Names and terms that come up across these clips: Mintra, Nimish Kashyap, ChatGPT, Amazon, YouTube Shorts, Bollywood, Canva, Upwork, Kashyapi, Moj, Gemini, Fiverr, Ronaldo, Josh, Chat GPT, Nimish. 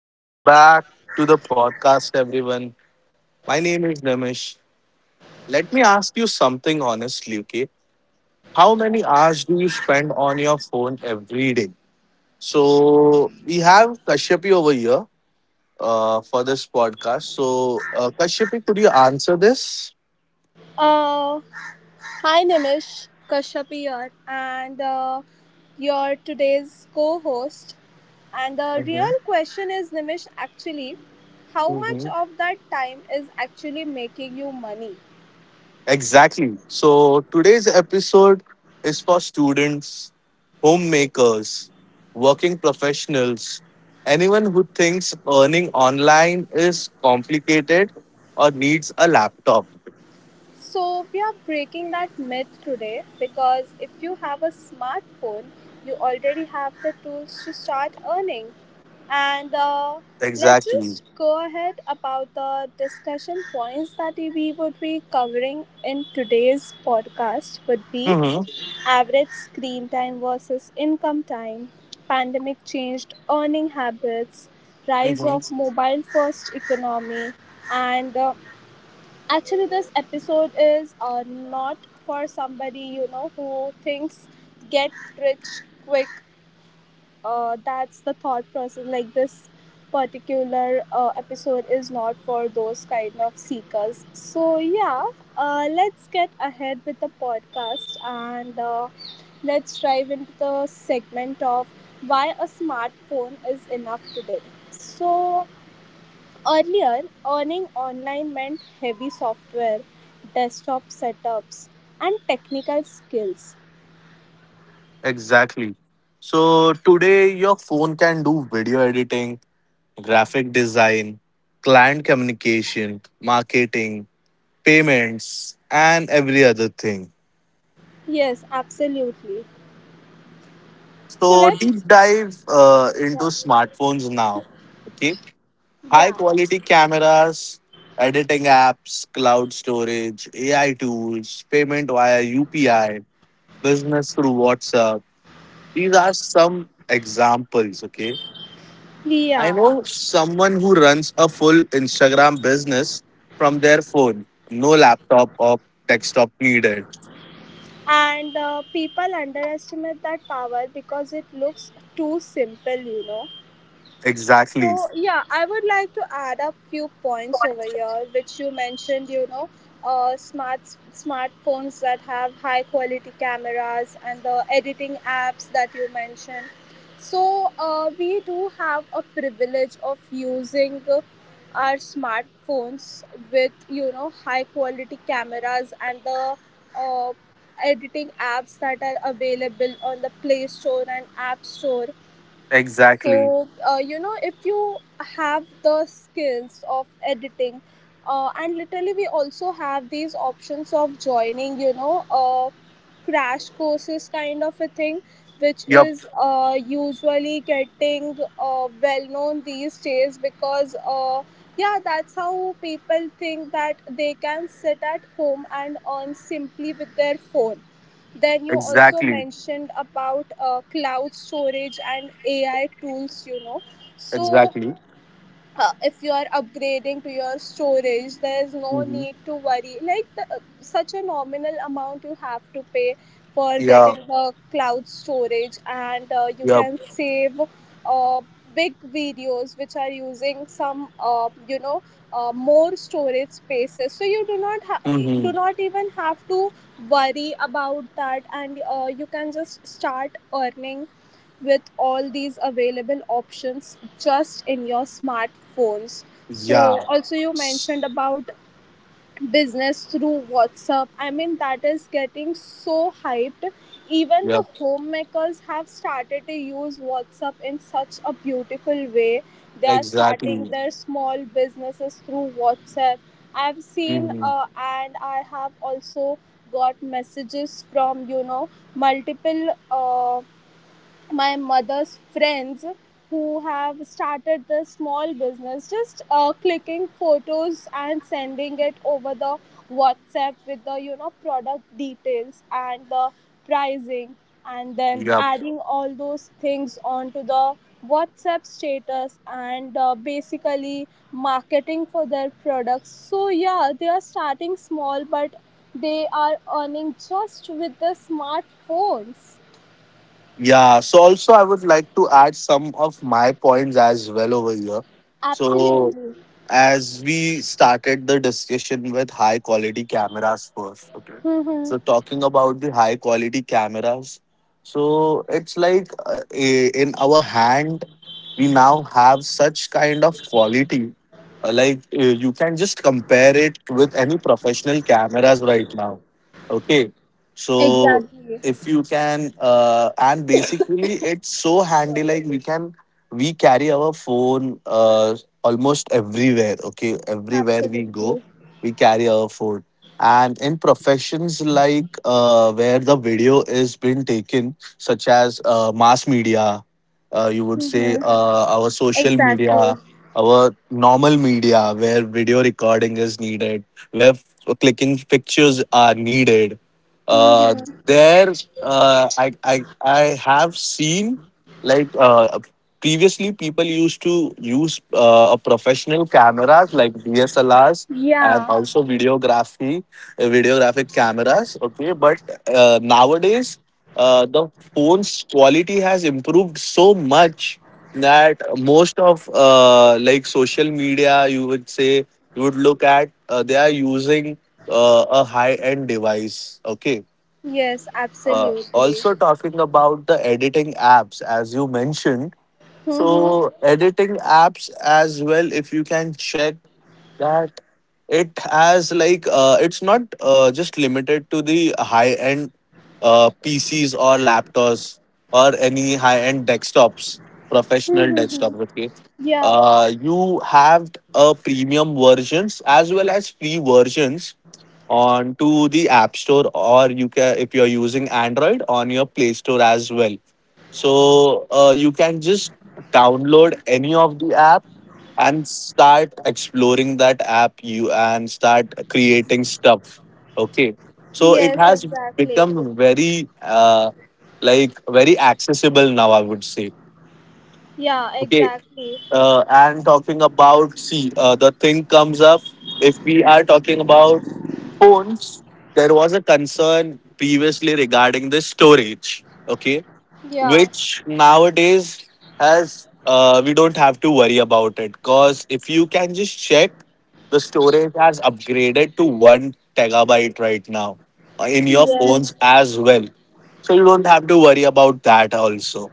Welcome back to the podcast, everyone. My name is Nimish. Let me ask you something honestly, okay? How many hours do you spend on your phone every day? So, we have Kashyapi over here for this podcast. So, Kashyapi, could you answer this? Uh, Hi Nimish, Kashyap here, and your today's co-host. And the Mm-hmm. real question is, Nimish, actually, how much of that time is actually making you money? Exactly. So today's episode is for students, homemakers, working professionals, anyone who thinks earning online is complicated or needs a laptop. So, we are breaking that myth today because if you have a smartphone, you already have the tools to start earning. And let's Exactly. just go ahead. About the discussion points that we would be covering in today's podcast would be Hmm. average screen time versus income time, pandemic changed earning habits, rise Hmm. of mobile first economy, and actually, this episode is not for somebody who thinks get rich quick. That's the thought process. Like this particular episode is not for those kind of seekers. So yeah, let's get ahead with the podcast, and let's dive into the segment of why a smartphone is enough today. So earlier, earning online meant heavy software, desktop setups, and technical skills. Exactly. So today your phone can do video editing, graphic design, client communication, marketing, payments, and every other thing. Yes, absolutely. So So let's. deep dive into Yeah. smartphones now. Okay, high Yeah. quality cameras, editing apps, cloud storage, AI tools, payment via UPI, business through WhatsApp. These are some examples. Okay, I Yeah. know someone who runs a full Instagram business from their phone, no laptop or desktop needed. And people underestimate that power because it looks too simple, you know. Exactly. So yeah, I would like to add a few points over here, which you mentioned. You know, uh, smart smartphones that have high quality cameras and the editing apps that you mentioned. So we do have a privilege of using our smartphones with you know high quality cameras and the uh, editing apps that are available on the Play Store and App Store. Exactly. So, you know, if you have the skills of editing, and literally, we also have these options of joining, you know, crash courses kind of a thing, which Yep. is usually getting well known these days because, yeah, that's how people think that they can sit at home and earn simply with their phone. Then you also Exactly. mentioned about cloud storage and AI tools, you know. So Exactly. If you are upgrading to your storage, there's no Mhm. need to worry. Like the, such a nominal amount you have to pay for Yeah. getting the cloud storage, and you Yep. can save uh, big videos which are using some you know more storage spaces, so you do not ha- do Mm-hmm. not even have to worry about that. And you can just start earning with all these available options just in your smartphones. So Yeah. also you mentioned about business through WhatsApp. I mean, that is getting so hyped. Even the Yep. homemakers have started to use WhatsApp in such a beautiful way. They are starting Exactly. their small businesses through WhatsApp. I've seen, Mm-hmm. And I have also got messages from you know multiple my mother's friends who have started this small business just clicking photos and sending it over the WhatsApp with the you know product details and the pricing, and then Yep. adding all those things onto the WhatsApp status. And basically marketing for their products. So yeah, they are starting small, but they are earning just with the smartphones. Yeah. So also, I would like to add some of my points as well over here. So, Absolutely. as we started the discussion with high quality cameras first, okay, Mm-hmm. so talking about the high quality cameras, so it's like in our hand we now have such kind of quality, like you can just compare it with any professional cameras right now, okay. So Exactly. if you can and basically it's so handy. Sorry. Like we carry our phone almost everywhere, okay, everywhere we go Absolutely. we carry our phone. And in professions like where the video is being taken, such as mass media, you would say, Mm-hmm. Our social Exactly. media, our normal media where video recording is needed, where clicking pictures are needed, uh, Mm-hmm. there, I have seen, like, previously people used to use a professional cameras like DSLRs and Yeah. also videography, videographic cameras, okay. But nowadays, the phone's quality has improved so much that most of, like social media, you would say, you would look at, they are using a high end device. Okay. Yes, Uh, absolutely. also, talking about the editing apps, as you mentioned, Mm-hmm. so editing apps as well, if you can check that it has like, it's not, just limited to the high end PCs or laptops or any high end desktops, professional desktops. Okay, Yeah. You have a premium versions as well as free versions on to the App Store, or you can, if you are using Android, on your Play Store as well. So you can just download any of the app and start exploring that app, you and start creating stuff, okay. So it Yes, has exactly. become very, like very accessible now, I would say, Yeah, okay. exactly. And talking about, see, the thing comes up, if we are talking about phones, there was a concern previously regarding the storage, okay, Yeah. which nowadays has, we don't have to worry about it, because if you can just check, the storage has upgraded to 1 terabyte right now, in your Yes. phones as well. So you don't have to worry about that. also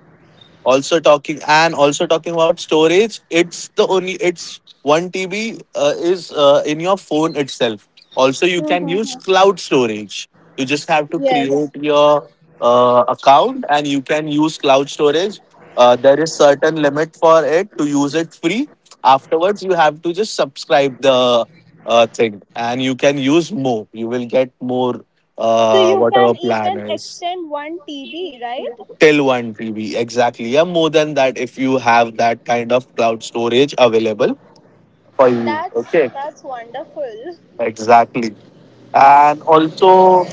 also talking and also talking about storage, it's the only it's 1 TB, is, in your phone itself. Also, you can use Mm-hmm. cloud storage. You just have to create Yes. your account and you can use cloud storage. There is certain limit for it to use it free. Afterwards you have to just subscribe the thing, and you can use more, you will get more, So you whatever can plan even is. extend one TB, right? Till 1 TB, exactly. Yeah, more than that, if you have that kind of cloud storage available for you. That's Okay, wonderful. exactly. And also,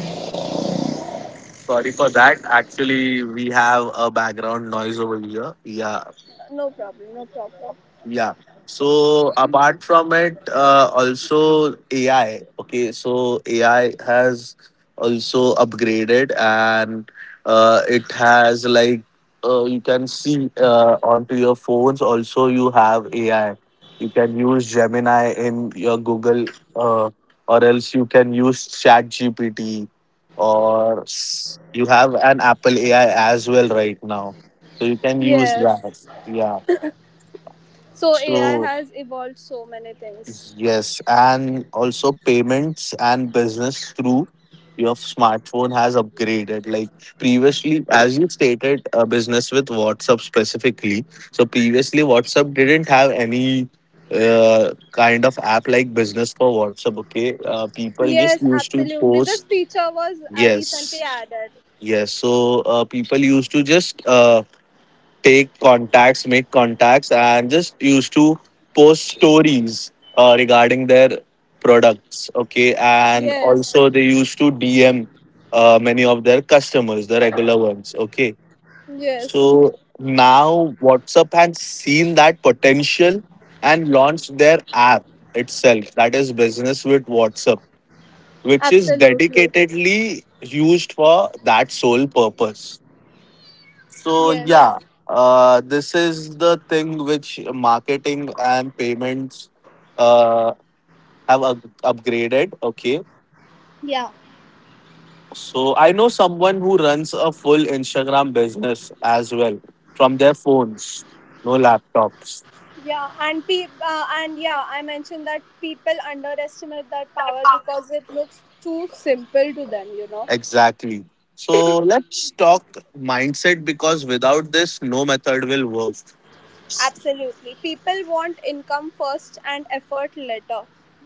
sorry for that. Actually, we have a background noise over here. Yeah. No problem, no problem. Yeah. So apart from it, also AI. Okay, so AI has also upgraded, and it has like, you can see, onto your phones. Also, you have AI. You can use Gemini in your Google, uh, or else you can use Chat GPT, or you have an Apple AI as well right now. So you can use Yes. that. Yeah. So AI So has evolved so many things. yes, and also payments and business through your smartphone has upgraded. Like previously, as you stated, a business with WhatsApp specifically. So previously, WhatsApp didn't have any kind of app like business for WhatsApp. Okay, people just Yes, used to absolutely. This post. feature was recently Yes, added. yes. So people used to just, take contacts, make contacts, and just used to post stories regarding their products. Okay, and Yes, also they used to DM many of their customers, the regular ones. Okay, so yes, now WhatsApp had seen that potential and launched their app itself, that is Business with WhatsApp, which is absolutely. dedicatedly used for that sole purpose. So Yes, yeah, this is the thing which marketing and payments uh, have upgraded. Okay, yeah, so I know someone who runs a full Instagram business as well from their phones, no laptops. yeah. And yeah, I mentioned that people underestimate that power because it looks too simple to them. You know. Exactly. So let's talk mindset, because without this, no method will work. Absolutely. People want income first and effort later.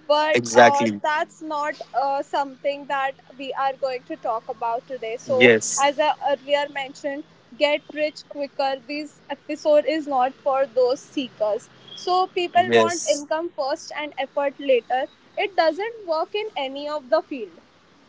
But Exactly. that's not something that we are going to talk about today. So, Yes. as I earlier mentioned, get rich quicker. This episode is not for those seekers. So, people want Yes. income first and effort later. It doesn't work in any of the field.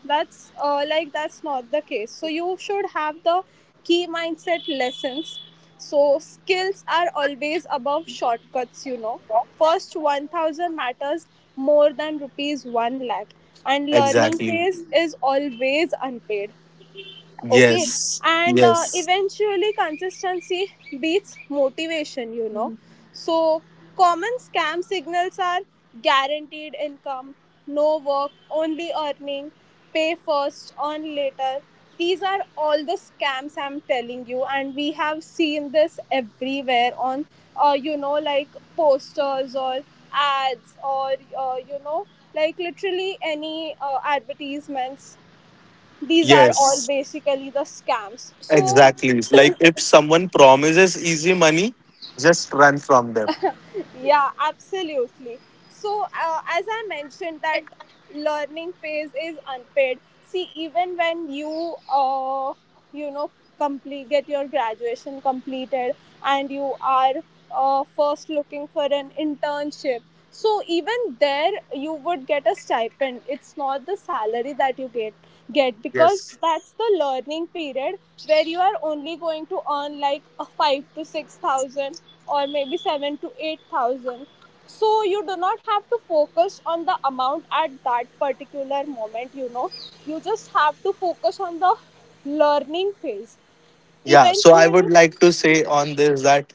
That's that's not the case, so you should have the key mindset lessons. So skills are always above shortcuts, you know. First 1,000 matters more than rupees 1 lakh, and learning Exactly. phase is always unpaid. Okay, Yes. and Yes. eventually consistency beats motivation, you know. So common scam signals are: guaranteed income, no work only earning, pay first earn later. These are all the scams, I'm telling you, and we have seen this everywhere on you know like posters or ads, or you know like literally any advertisements. These are all Yes. basically the scams. So Exactly. Like if someone promises easy money, just run from them. yeah, absolutely. So as I mentioned, that learning phase is unpaid. See, even when you, you know complete get your graduation completed and you are first looking for an internship. So even there, you would get a stipend. It's not the salary that you get because Yes. that's the learning period where you are only going to earn like a 5 to 6 thousand or maybe 7 to 8 thousand. So you do not have to focus on the amount at that particular moment. You know, you just have to focus on the learning phase. Yeah. So I Eventually, would like to say on this that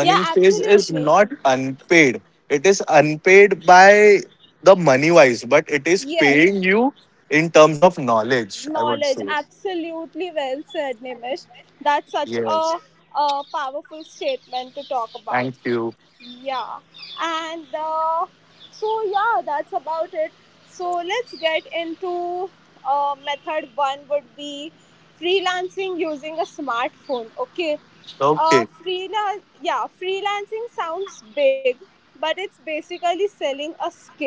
yeah, phase is absolutely, not unpaid. It is unpaid by the money wise, but it is paying yes, you in terms of knowledge, I would knowledge. say. Absolutely well said, Nimish. That's Yes. A powerful statement to talk about. Thank you. Yeah, and so yeah, that's about it. So let's get into method one would be freelancing using a smartphone. Okay, Okay. freelance. Yeah, freelancing sounds big, but it's basically selling a skill.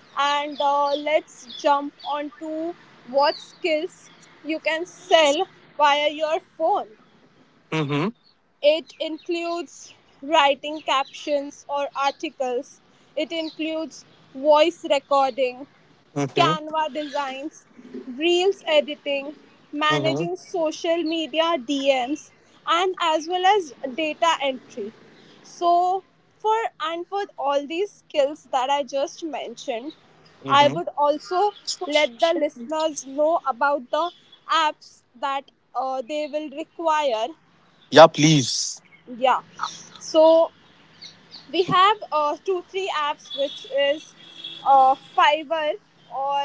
And let's jump onto what skills you can sell via your phone. Mm-hmm. It includes writing captions or articles. It includes voice recording, Mm-hmm. Canva designs, reels editing, Mm-hmm. managing social media DMs, and as well as data entry. So, for all these skills that I just mentioned, I Mm-hmm. would also let the listeners know about the apps that they will require. Yeah, please. Yeah, so we have 2 3 apps, which is Fiverr or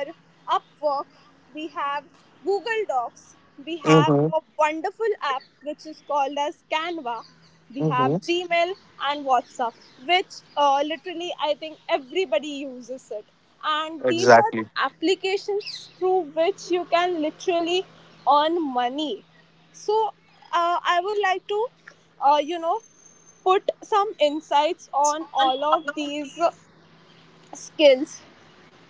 Upwork. We have Google Docs. We have Mm-hmm. a wonderful app which is called as Canva. We have Mm-hmm. Gmail and WhatsApp, which literally I think everybody uses it, and these are the Exactly. applications through which you can literally earn money. So I would like to uh, you know put some insights on all of these skills.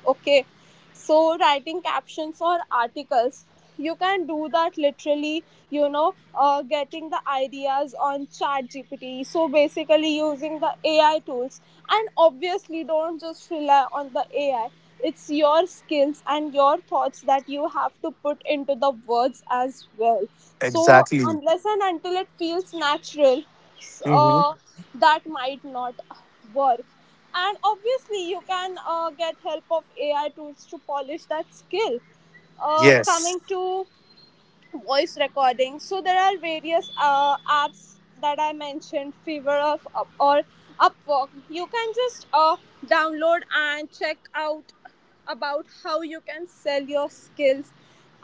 Okay, so writing captions or articles, you can do that literally, you know, getting the ideas on Chat GPT, so basically using the AI tools. And obviously, don't just rely on the AI. It's your skills and your thoughts that you have to put into the words as well. So Exactly. unless and until it feels natural, Mm-hmm. uh, that might not work. And obviously you can get help of AI tools to polish that skill. Yes. Coming to voice recording. So there are various apps that I mentioned, Fever of Up or Upwork. You can just download and check out about how you can sell your skills.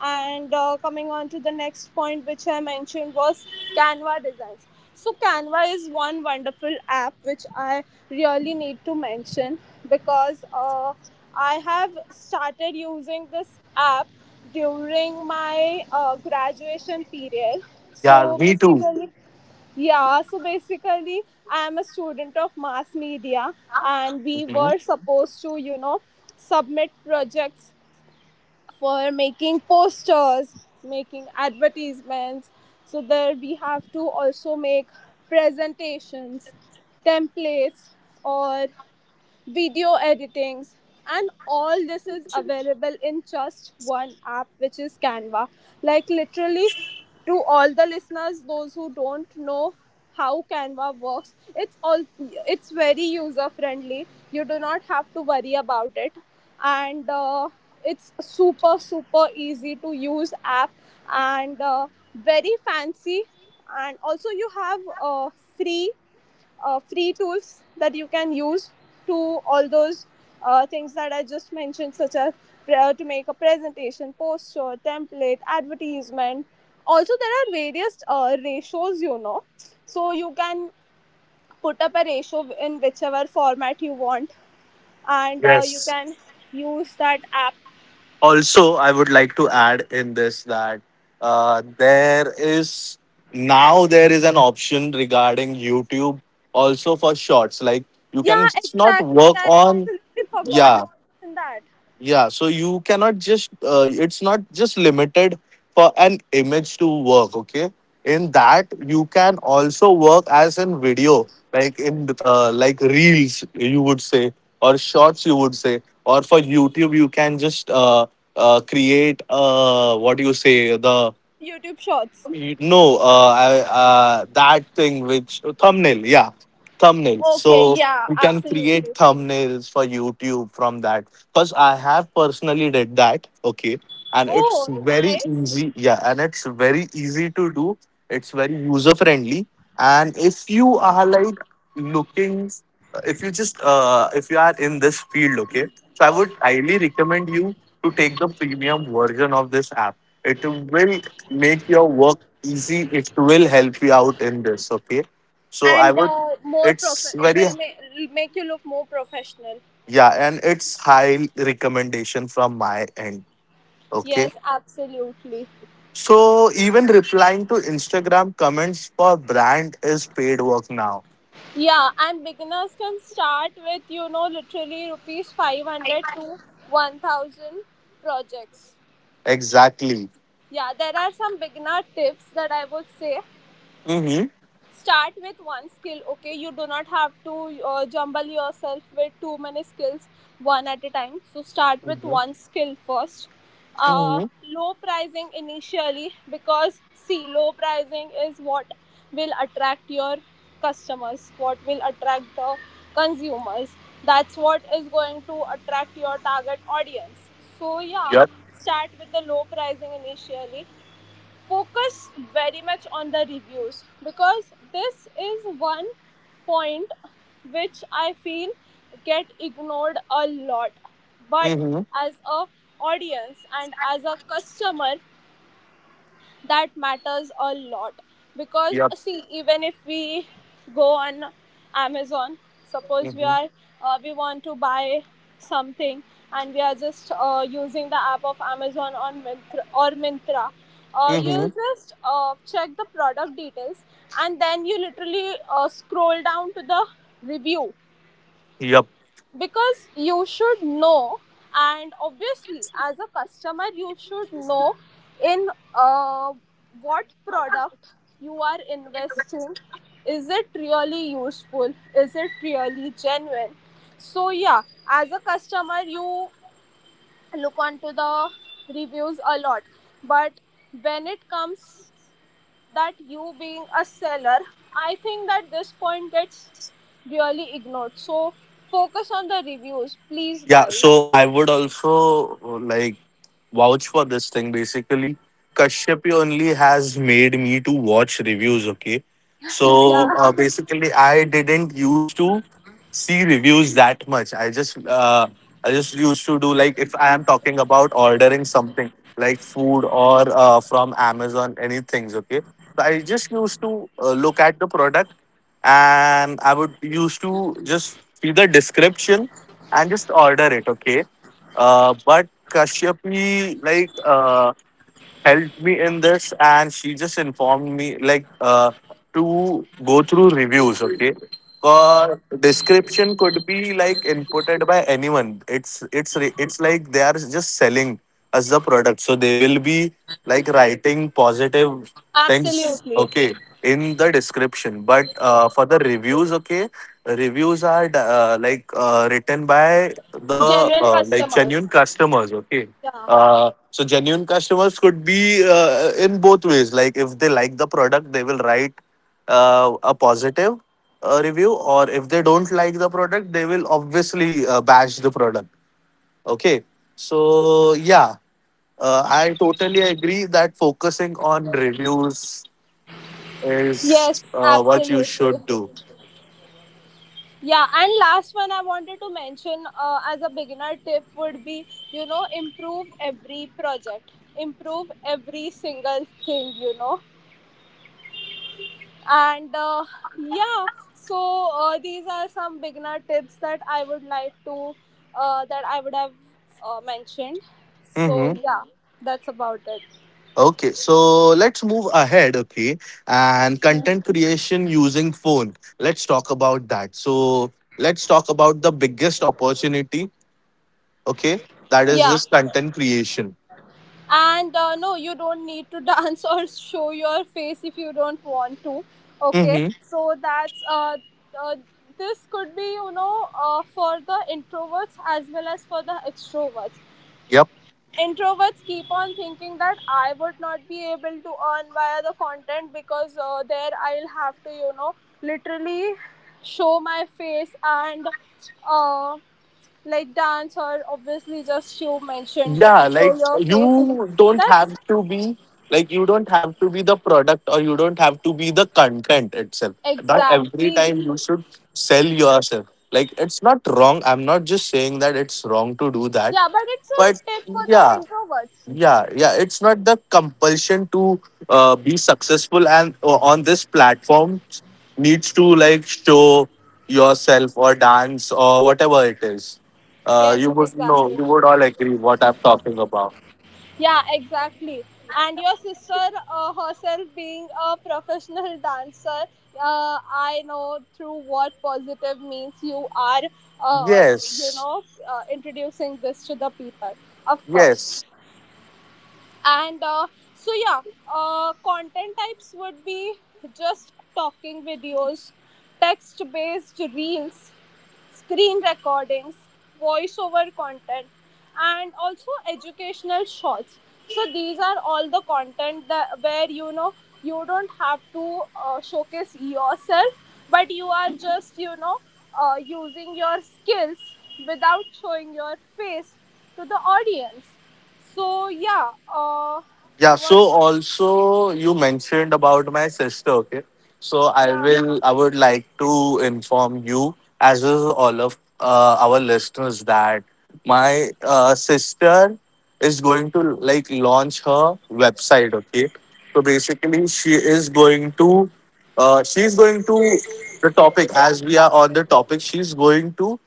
And coming on to the next point, which I mentioned, was Canva designs. So Canva is one wonderful app which I really need to mention, because I have started using this app during my graduation period. Yeah, So me too. basically, yeah, so basically, I am a student of mass media, and we Mhm. were supposed to, you know, submit projects for making posters, making advertisements. So there we have to also make presentations, templates, or video editings, and all this is available in just one app, which is Canva. Like literally, to all the listeners those who don't know how Canva works, it's all it's very user friendly. You do not have to worry about it. And it's super super easy to use app. And very fancy. And also you have free free tools that you can use to all those things that I just mentioned, such as to make a presentation, poster, template, advertisement. Also, there are various ratios, you know, so you can put up a ratio in whichever format you want, and you Yes. can use that app. Also, I would like to add in this that, there is now there is an option regarding YouTube, also for shorts. Like you can Yeah, just not exactly. work I on... Absolutely forgot yeah. to mention that. Yeah, so you cannot just, it's not just limited for an image to work, okay? In that, you can also work as in video, like in, like reels, you would say, or shorts, you would say, or for YouTube, you can just create, what do you say, the YouTube Shorts. no, that thing which... oh, thumbnail, yeah, thumbnail. Okay, So yeah, you can create absolutely. thumbnails for YouTube from that. Cause I have personally did that. Okay, and it's Oh, very nice. easy. Yeah, and it's very easy to do. It's very user friendly. And if you are like looking, if you just, if you are in this field, okay, so I would highly recommend you to take the premium version of this app. It will make your work easy, it will help you out in this, okay. So I And would, more prof it's it very, will make you look more professional. yeah, and it's high recommendation from my end, okay. Yes, absolutely. So even replying to Instagram comments for brand is paid work now. Yeah, and beginners can start with you know literally rupees 500 to 1,000 projects. Exactly. Yeah, there are some beginner tips that I would say. Mm-hmm. Start with one skill. Okay, you do not have to jumble yourself with too many skills, one at a time. So start with Mm-hmm. one skill first. Mm-hmm. Low pricing initially, because see, low pricing is what will attract your customers, what will attract the consumers. That's what is going to attract your target audience. So yeah, Yep. start with the low pricing initially. Focus very much on the reviews, because this is one point which I feel get ignored a lot. But Mm-hmm. as a audience and as a customer, that matters a lot because Yep. see even if we go on Amazon, suppose we Mm-hmm. are we want to buy something, and we are just using the app of Amazon on Mintra or Mintra. Mm-hmm. You'll just check the product details, and then you literally scroll down to the review Yep. because you should know, and obviously as a customer you should know in what product you are investing. Is it really useful? Is it really genuine? So yeah, as a customer you look onto the reviews a lot. But when it comes that you being a seller, I think that this point gets really ignored. So focus on the reviews, please Yeah, guys. so I would also, like vouch for this thing, basically. Kashyapi only has made me to watch reviews, okay? Yeah, So basically, I didn't used to see reviews that much. I just used to do, like, if I am talking about ordering something, like food, or from Amazon, anything's, okay. So I just used to, look at the product, and I would used to just see the description and just order it, okay? But Kashyapi, like, helped me in this, and she just informed me, like, to go through reviews, okay. Description could be like inputted by anyone, it's, it's like they are just selling us the product, so they will be like writing positive things, absolutely. okay, in the description. But for the reviews, okay, reviews are, like, written by the, Genuine like, genuine customers. customers, okay. Yeah. So genuine customers could be, in both ways. Like if they like the product, they will write a positive review, or if they don't like the product, they will obviously bash the product. Okay, so yeah, I totally agree that focusing on reviews Yes, is, what you absolutely. should do. Yeah, and last one I wanted to mention as a beginner tip would be, you know, improve every project, improve every single thing, you know. And yeah, so these are some beginner tips that I would like to, that I would have mentioned. So Mm-hmm. yeah, that's about it. Okay, so let's move ahead, okay? And content creation using phone. Let's talk about that. So let's talk about the biggest opportunity, okay? That is Yeah. this content creation. And no, you don't need to dance or show your face if you don't want to. Okay, Mm-hmm. so that's uh this could be, you know, for the introverts as well as for the extroverts. Yep. Introverts keep on thinking that I would not be able to earn via the content, because there I'll have to, you know, literally show my face and uh like dance or obviously, just you mentioned, Yeah, show like your face, you don't that's— have to be, like you don't have to be the product, or you don't have to be the content itself. Not every Exactly. time you should sell yourself. Like it's not wrong. I'm not just saying that it's wrong to do that. Yeah, but it's a But tip for the yeah, introverts. yeah, yeah, it's not the compulsion to, be successful, and on this platform, needs to like show yourself or dance or whatever it is, Yes, you would know, exactly. you would all agree what I'm talking about. Yeah, exactly. And your sister, herself being a professional dancer, I know through what positive means you are, uh, you Yes. know, introducing this to the people, of course. Yes. And so, yeah, content types would be just talking videos, text based reels, screen recordings, voiceover content, and also educational shots. So these are all the content that where, you know, you don't have to showcase yourself, but you are just, you know, using your skills without showing your face to the audience. So yeah, Yeah, so what? also you mentioned about my sister, okay? So I Yeah, will I would like to inform you, as well as all of our listeners, that my sister is going to like launch her website, okay? So basically she is going to, uh, she's going to the topic, as we are on the topic, she's going to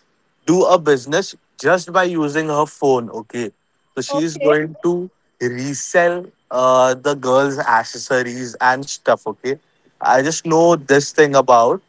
do a business just by using her phone. Okay, so she is okay. going to resell the girls' accessories and stuff. Okay, I just know this thing about.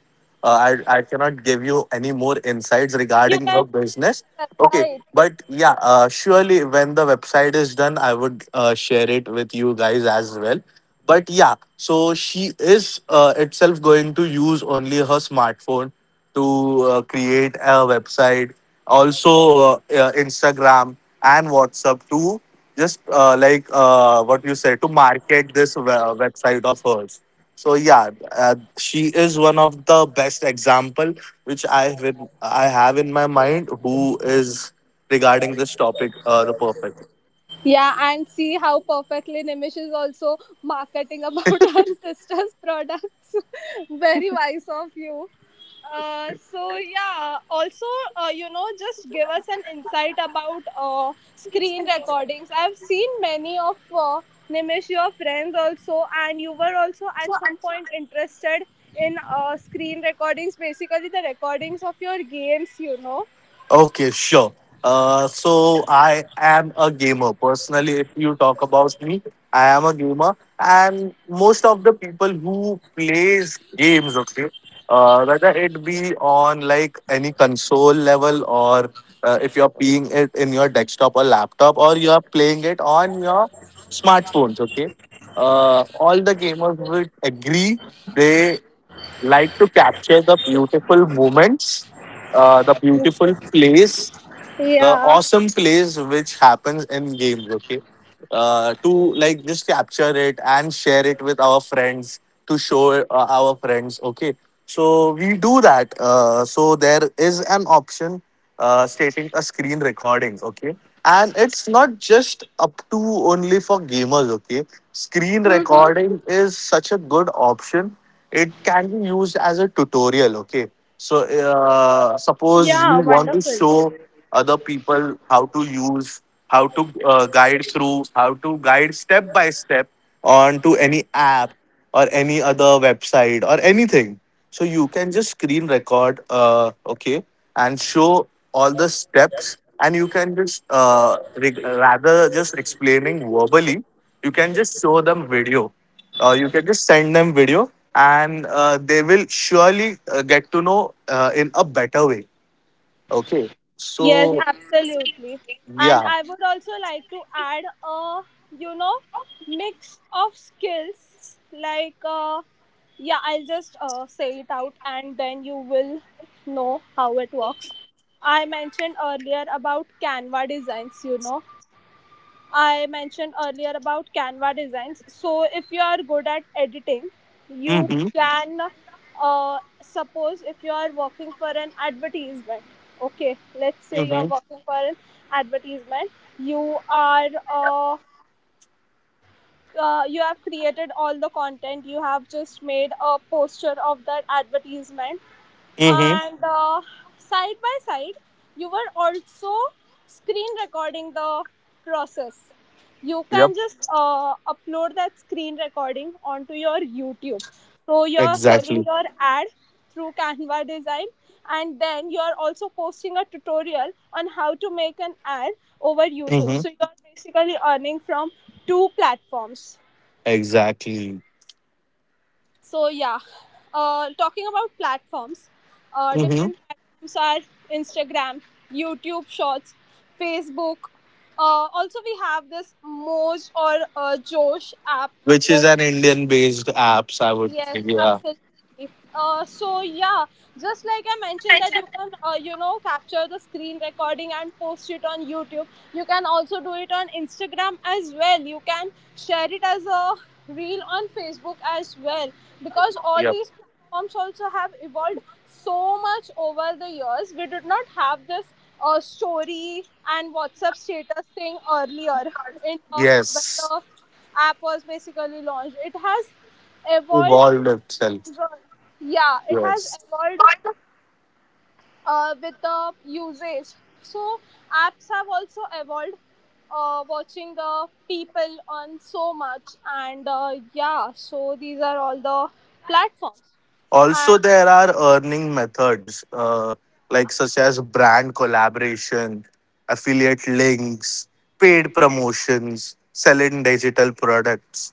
Uh, I cannot give you any more insights You regarding can her business. share the Okay, website. but yeah, surely when the website is done, I would share it with you guys as well. But yeah, so she is itself going to use only her smartphone to create a website, also Instagram and WhatsApp to just, like, what you said, to market this website of hers. So yeah, she is one of the best example which I have in my mind, who is regarding this topic, the perfect. Yeah, and see how perfectly Nimish is also marketing about her sister's products. Very wise of you. So yeah, also you know, just give us an insight about screen recordings. I've seen many of Nimish, your friends also, and you were also at some point interested in screen recordings, basically the recordings of your games, you know. Okay, sure. So I am a gamer. Personally, if you talk about me, I am a gamer, and most of the people who plays games, okay, whether it be on like any console level, or if you're playing it in your desktop or laptop, or you're playing it on your smartphones, okay. All the gamers would agree. They like to capture the beautiful moments, the beautiful plays, the Yeah. awesome plays which happens in games. Okay, to like just capture it and share it with our friends, to show our friends. Okay, so we do that. So there is an option, stating a screen recording. Okay, and it's not just up to only for gamers. Okay, screen recording is such a good option. It can be used as a tutorial. Okay, so suppose you Yeah. want to Wonderful. show other people how to use, how to, guide through, how to guide step by step onto any app or any other website or anything. So you can just screen record, okay, and show all the steps, and you can just, rather just explaining verbally, you can just show them video. You can just send them video, and they will surely get to know in a better way. Okay. Yes, So absolutely. And yeah. I would also like to add a, you know, mix of skills. Like, yeah, I'll just say it out and then you will know how it works. I mentioned earlier about Canva designs, you know. I mentioned earlier about Canva designs. So, if you are good at editing, you Mm-hmm. can suppose if you are working for an advertisement. Okay, let's say you are Mm-hmm. working for an advertisement. You are uh, you have created all the content. You have just made a poster of that advertisement, Mm-hmm. and side by side you were also screen recording the process. You Yep. can just upload that screen recording onto your YouTube, so you're selling Exactly. your ad through Canva design, and then you're also posting a tutorial on how to make an ad over YouTube. Mm-hmm. So you're basically earning from two platforms. Exactly. So yeah, talking about platforms, Mm-hmm. different platforms are Instagram, YouTube Shorts, Facebook. Also, we have this Moj or Josh app Which is over. an Indian based apps, I would say. Yes, Yeah. absolutely. So yeah, just like I mentioned that you can, you know, capture the screen recording and post it on YouTube. You can also do it on Instagram as well. You can share it as a reel on Facebook as well, because all Yep. these platforms also have evolved so much over the years. We did not have this story and WhatsApp status thing earlier, in when Yes. the app was basically launched. It has evolved Evolved with the itself. user. Yeah, it has Yes. evolved with the usage. So apps have also evolved. Watching the people on so much, and yeah, so these are all the platforms, and Also, there are earning methods, like such as brand collaboration, affiliate links, paid promotions, selling digital products.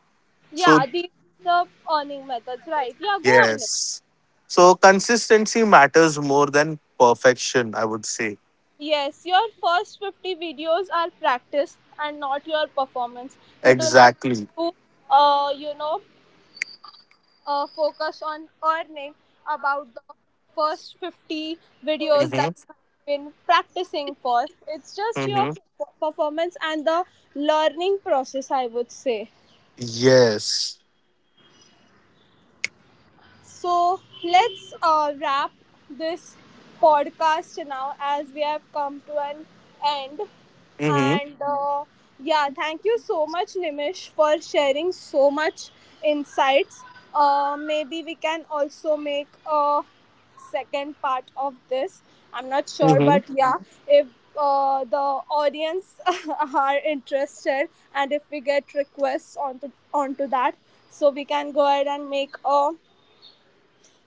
So, yeah, these are the earning methods, right? Yeah, go on. yes. So, consistency matters more than perfection, I would say. Yes, your first 50 videos are practice and not your performance. You do not have Exactly. to, you know, focus on earning about the first 50 videos that you Mm-hmm. have been practicing for. It's just your Mm-hmm. performance and the learning process, I would say. Yes. So let's wrap this podcast now, as we have come to an end. Mm-hmm. And yeah, thank you so much, Nimish, for sharing so much insights. Maybe we can also make a second part of this. I'm not sure, but yeah, if the audience are interested and if we get requests onto that, so we can go ahead and make a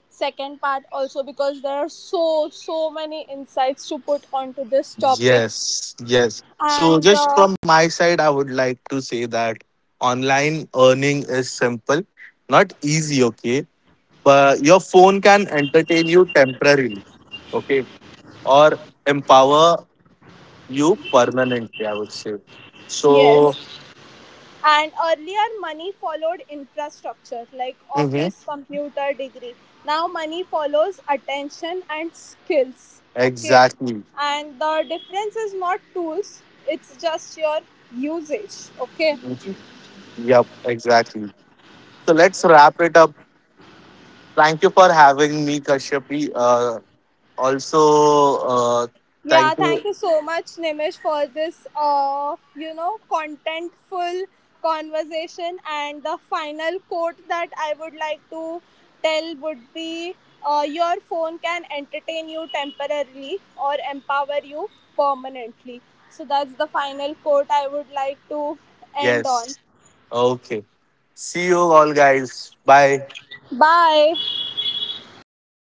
second part also, because there are so so many insights to put onto this topic. Yes, yes. So, And just from my side, I would like to say that online earning is simple, not easy, okay? But your phone can entertain you temporarily, okay? Or empower you permanently, I would say. So, Yes. And earlier money followed infrastructure, like mhm, office, computer, degree. Now money follows attention and skills. Okay. exactly. And the difference is not tools, it's just your usage. Okay. Mhm. Yep, exactly. So, let's wrap it up. Thank you for having me, Kashyapi. Also, uh, Yeah, thank thank you. you so much, Nimish, for this, you know, contentful conversation. And the final quote that I would like to tell would be, your phone can entertain you temporarily or empower you permanently. So that's the final quote I would like to end on. Yes. Okay. See you all, guys. Bye. Bye.